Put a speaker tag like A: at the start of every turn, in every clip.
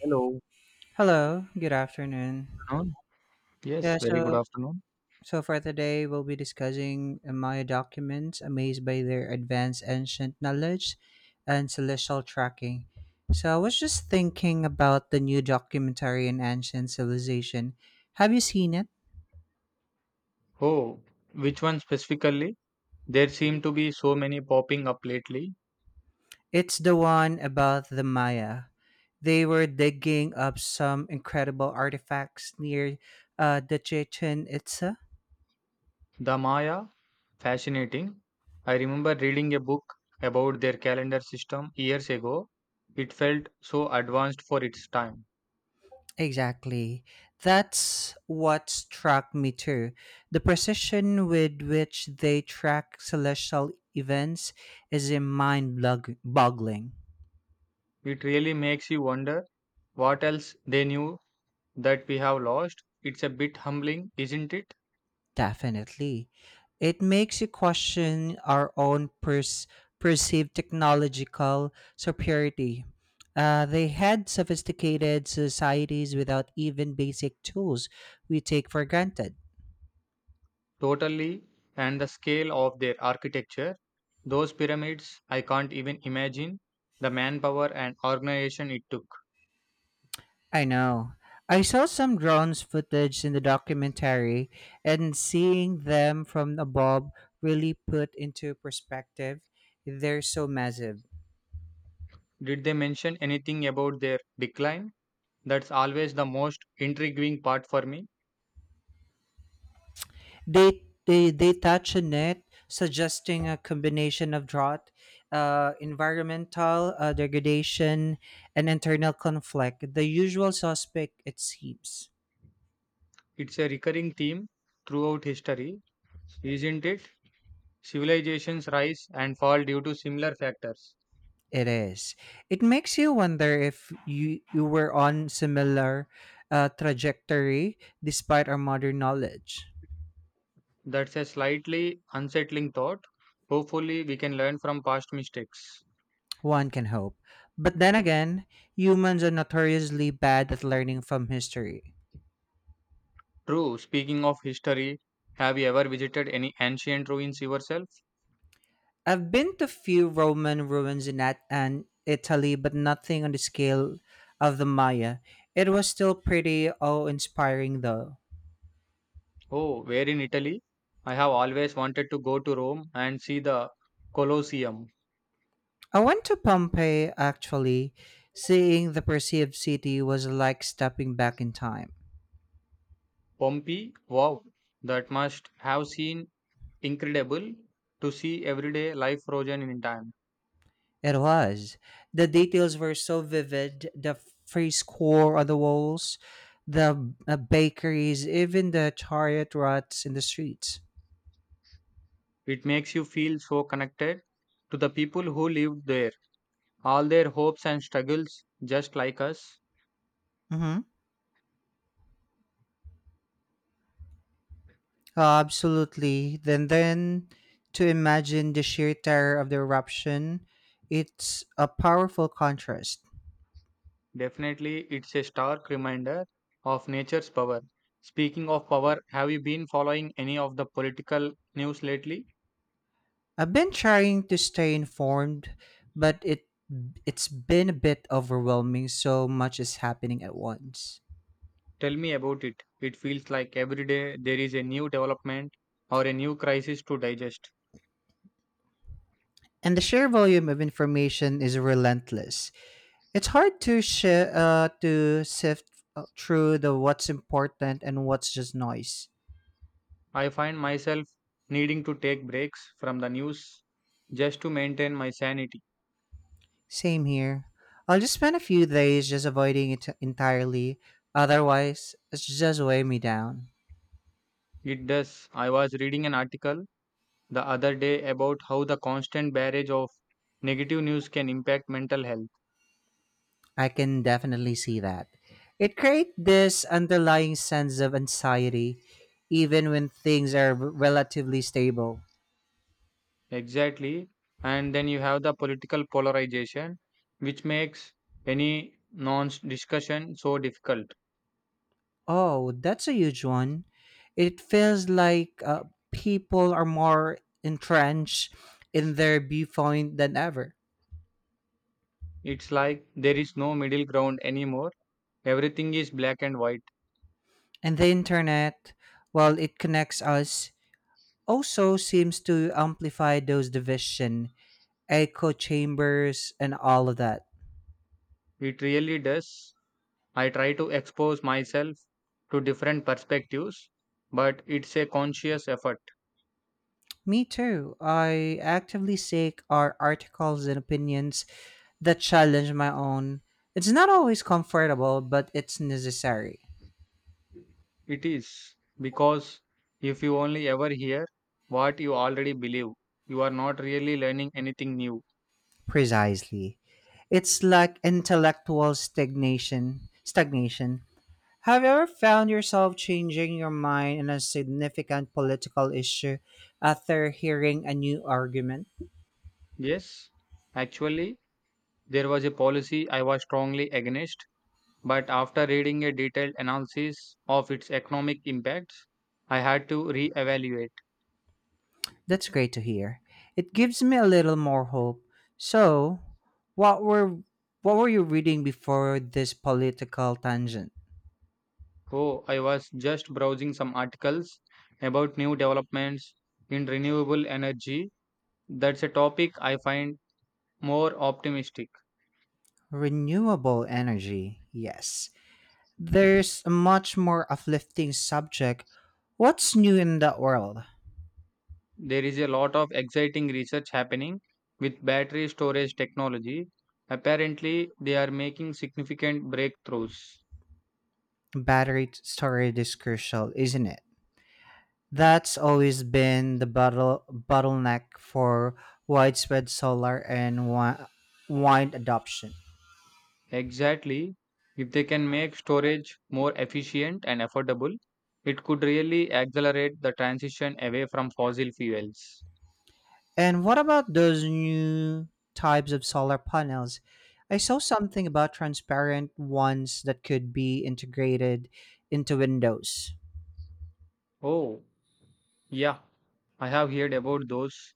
A: Hello,
B: Hello, good afternoon.
A: afternoon. Yes,
B: Yeah,
A: very good
B: so
A: afternoon.
B: so for today we'll be discussing Maya documents, amazed by their advanced ancient knowledge and celestial tracking. So I was just thinking about the new documentary on ancient civilization. Have you seen it?
A: Oh, which one specifically? There seem to be so many popping up lately.
B: It's the one about the Maya. They were digging up some incredible artifacts near the Chichen Itza.
A: The Maya, fascinating. I remember reading a book about their calendar system years ago. It felt so advanced for its time.
B: Exactly. That's what struck me too. The precision with which they track celestial events is a mind boggling.
A: It really makes you wonder what else they knew that we have lost. It's a bit humbling, isn't it?
B: Definitely. It makes you question our own perceived technological superiority. They had sophisticated societies without even basic tools we take for granted.
A: Totally, and the scale of their architecture, those pyramids, I can't even imagine the manpower and organization it took.
B: I know. I saw some drones footage in the documentary, and seeing them from above really put into perspective. They're so massive.
A: Did they mention anything about their decline? That's always the most intriguing part for me.
B: They touch on it, suggesting a combination of drought, environmental degradation, and internal conflict. The usual suspect, it seems.
A: It's a recurring theme throughout history, isn't it? Civilizations rise and fall due to similar factors.
B: It is. It makes you wonder if you were on similar trajectory despite our modern knowledge.
A: That's a slightly unsettling thought. Hopefully, we can learn from past mistakes.
B: One can hope. But then again, humans are notoriously bad at learning from history.
A: True. Speaking of history, have you ever visited any ancient ruins yourself?
B: I've been to few Roman ruins in and Italy, but nothing on the scale of the Maya. It was still pretty awe-inspiring, though.
A: Oh, where in Italy? I have always wanted to go to Rome and see the Colosseum.
B: I went to Pompeii actually. Seeing the perceived city was like stepping back in time.
A: Pompeii? Wow, that must have seen incredible to see everyday life frozen in time.
B: It was. The details were so vivid the fresco on the walls, the bakeries, even the chariot ruts in the streets.
A: It makes you feel so connected to the people who lived there, all their hopes and struggles, just like us.
B: Mm-hmm. Absolutely. Then to imagine the sheer terror of the eruption, it's a powerful contrast.
A: Definitely, it's a stark reminder of nature's power. Speaking of power, have you been following any of the political news lately?
B: I've been trying to stay informed, but it's been a bit overwhelming. So much is happening at once,
A: Tell me about it. It feels like every day there is a new development or a new crisis to digest.
B: and the sheer volume of information is relentless. It's hard to shi to sift through the what's important and what's just noise.
A: I find myself needing to take breaks from the news just to maintain my sanity.
B: Same here. I'll just spend a few days just avoiding it entirely. Otherwise, it's just weigh me down.
A: It does. I was reading an article the other day about how the constant barrage of negative news can impact mental health.
B: I can definitely see that. It creates this underlying sense of anxiety, even when things are relatively stable.
A: Exactly. And then you have the political polarization, which makes any non discussion so difficult.
B: Oh, that's a huge one. It feels like people are more entrenched in their viewpoint than ever.
A: It's like there is no middle ground anymore. Everything is black and white.
B: And the internet, while it connects us, also seems to amplify those division, echo chambers, and all of that.
A: It really does. I try to expose myself to different perspectives, but it's a conscious effort.
B: Me too. I actively seek our articles and opinions that challenge my own. It's not always comfortable, but it's necessary.
A: It is because if you only ever hear what you already believe, you are not really learning anything new.
B: Precisely. It's like intellectual stagnation. Stagnation. Have you ever found yourself changing your mind on a significant political issue after hearing a new argument?
A: Yes, actually. There was a policy I was strongly against, but after reading a detailed analysis of its economic impacts, I had to reevaluate.
B: That's great to hear. It gives me a little more hope. So, what were what were you reading before this political tangent?
A: Oh, I was just browsing some articles about new developments in renewable energy. That's a topic I find more optimistic.
B: Renewable energy. Yes. There's a much more uplifting subject. What's new in that world?
A: There is a lot of exciting research happening with battery storage technology. Apparently, they are making significant breakthroughs.
B: Storage is crucial, isn't it? That's always been the bottleneck for widespread solar and wind adoption.
A: Exactly. If they can make storage more efficient and affordable, it could really accelerate the transition away from fossil fuels.
B: And what about those new types of solar panels? I saw something about transparent ones that could be integrated into windows.
A: Oh, yeah, I have heard about those.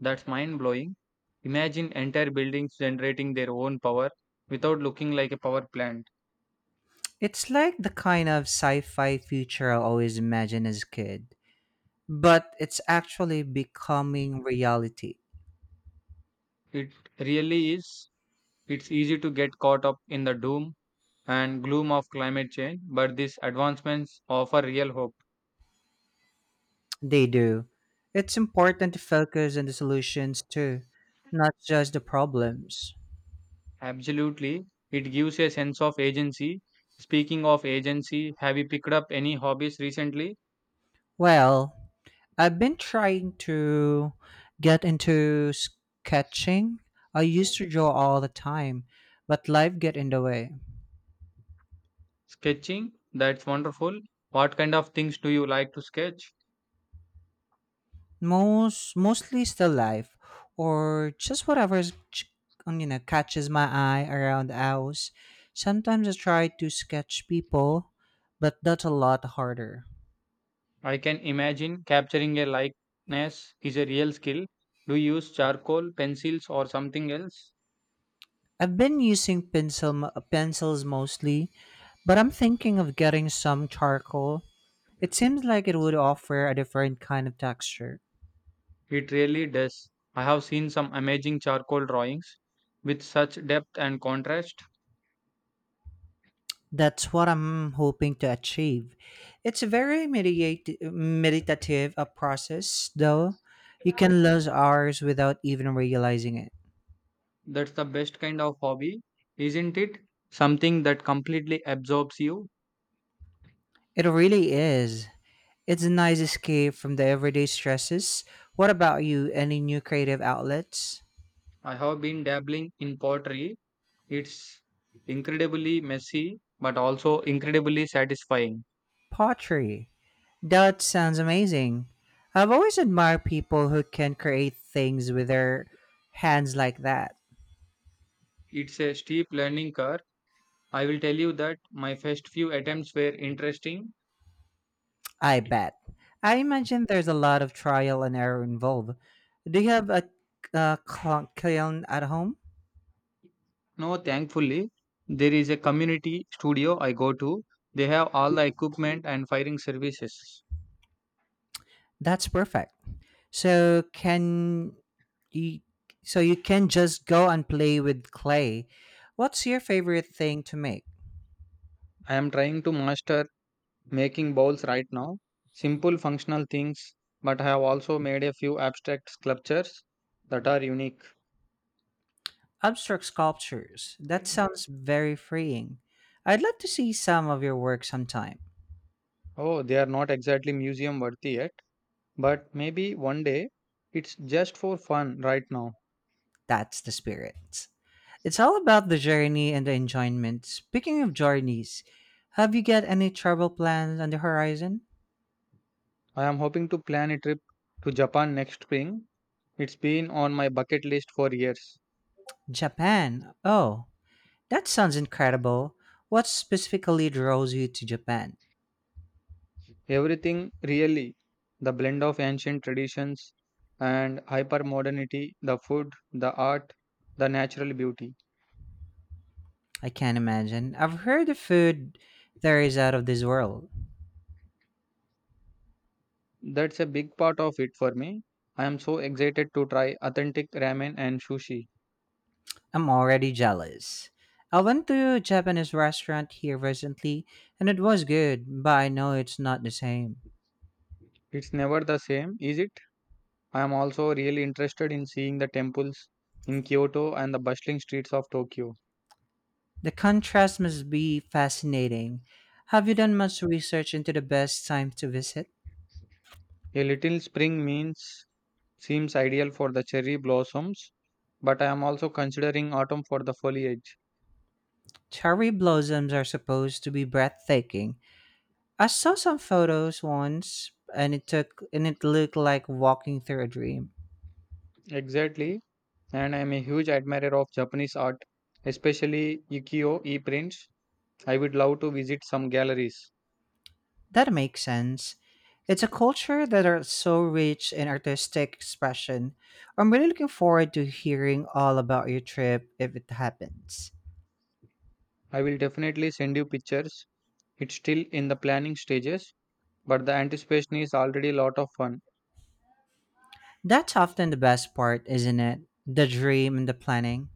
A: That's mind blowing. Imagine entire buildings generating their own power without looking like a power plant.
B: It's like the kind of sci fi future I always imagined as a kid, but it's actually becoming reality.
A: It really is. It's easy to get caught up in the doom and gloom of climate change, but these advancements offer real hope.
B: They do. It's important to focus on the solutions too, not just the problems.
A: Absolutely. It gives a sense of agency. Speaking of agency, have you picked up any hobbies recently?
B: Well, I've been trying to get into sketching. I used to draw all the time, but life get in the way.
A: Sketching? That's wonderful. What kind of things do you like to sketch?
B: Mostly still life or just whatever is ch- you know catches my eye around the house. Sometimes I try to sketch people, but that's a lot harder.
A: I can imagine capturing a likeness is a real skill. Do you use charcoal, pencils, or something else?
B: I've been using pencils mostly, but I'm thinking of getting some charcoal. It seems like it would offer a different kind of texture.
A: It really does. I have seen some amazing charcoal drawings with such depth and contrast.
B: That's what I'm hoping to achieve. It's a very meditative a process, though. You can lose hours without even realizing it.
A: That's the best kind of hobby, isn't it? Something that completely absorbs you.
B: It really is. It's a nice escape from the everyday stresses. What about you? Any new creative outlets?
A: I have been dabbling in pottery. It's incredibly messy, but also incredibly satisfying.
B: Pottery. That sounds amazing. I've always admired people who can create things with their hands like that.
A: It's a steep learning curve. I will tell you that my first few attempts were interesting.
B: I bet. I imagine there's a lot of trial and error involved. Do you have a kiln at home?
A: No, thankfully, there is a community studio I go to. They have all the equipment and firing services.
B: That's perfect. So you, you can just go and play with clay. What's your favorite thing to make?
A: I am trying to master making bowls right now. Simple functional things, but I have also made a few abstract sculptures that are unique.
B: Abstract sculptures. That sounds very freeing. I'd love to see some of your work sometime.
A: Oh, they are not exactly museum worthy yet, but maybe one day it's just for fun right now.
B: That's the spirit. It's all about the journey and the enjoyment. Speaking of journeys, have you got any travel plans on the horizon?
A: I am hoping to plan a trip to Japan next spring. It's been on my bucket list for years.
B: Japan. Oh, that sounds incredible. What specifically draws you to Japan?
A: Everything really the blend of ancient traditions and hyper modernity, the food, the art, the natural beauty.
B: I can't imagine. I've heard the food there is out of this world.
A: That's a big part of it for me. I am so excited to try authentic ramen and sushi.
B: I'm already jealous. I went to a Japanese restaurant here recently and it was good, but I know it's not the same.
A: It's never the same, is it? I am also really interested in seeing the temples in Kyoto and the bustling streets of Tokyo.
B: The contrast must be fascinating. Have you done much research into the best time to visit?
A: A little spring means seems ideal for the cherry blossoms, but I am also considering autumn for the foliage.
B: Cherry blossoms are supposed to be breathtaking. I saw some photos once and it took and it looked like walking through a dream.
A: Exactly, and I am a huge admirer of Japanese art, especially ukiyo e prints. I would love to visit some galleries.
B: That makes sense. It's a culture that are so rich in artistic expression. I'm really looking forward to hearing all about your trip if it happens.
A: I will definitely send you pictures. It's still in the planning stages, but the anticipation is already a lot of fun.
B: That's often the best part, isn't it? The dream and the planning.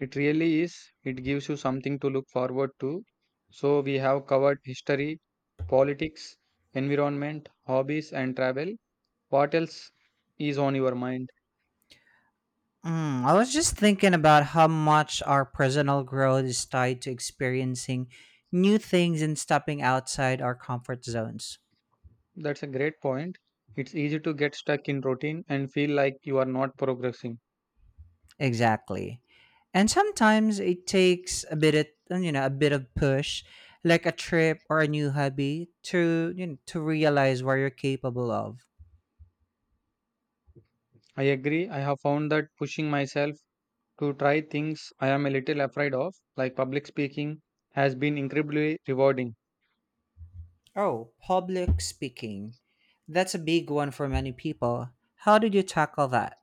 A: It really is. It gives you something to look forward to. So, we have covered history, politics, environment, hobbies, and travel. What else is on your mind?
B: I was just thinking about how much our personal growth is tied to experiencing new things and stepping outside our comfort zones.
A: That's a great point. It's easy to get stuck in routine and feel like you are not progressing.
B: Exactly. And sometimes it takes a bit of, a bit of push, like a trip or a new hobby to to realize what you're capable of.
A: I agree. I have found that pushing myself to try things I am a little afraid of, like public speaking, has been incredibly rewarding.
B: Oh, public speaking. That's a big one for many people. How did you tackle that?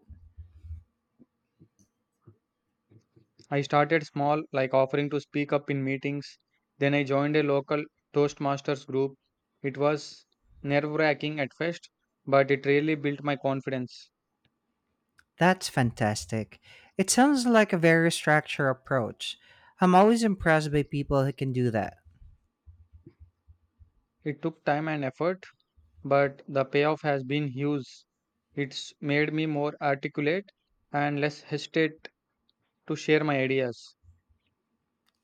A: I started small, like offering to speak up in meetings. Then I joined a local Toastmasters group. It was nerve wracking at first, but it really built my confidence.
B: That's fantastic. It sounds like a very structured approach. I'm always impressed by people who can do that.
A: It took time and effort, but the payoff has been huge. It's made me more articulate and less hesitate to share my ideas.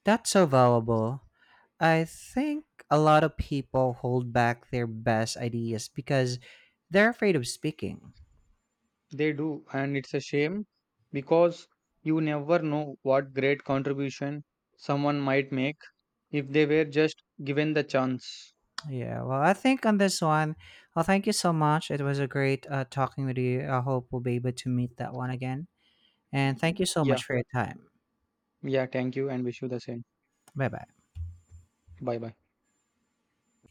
B: That's so valuable. I think a lot of people hold back their best ideas because they're afraid of speaking.
A: They do, and it's a shame because you never know what great contribution someone might make if they were just given the chance.
B: Yeah, well, I think on this one, well, thank you so much. It was a great talking with you. I hope we'll be able to meet that one again. And thank you so
A: Yeah,
B: much for your time.
A: yeah, thank you and wish you the same.
B: Bye bye.
A: Bye bye.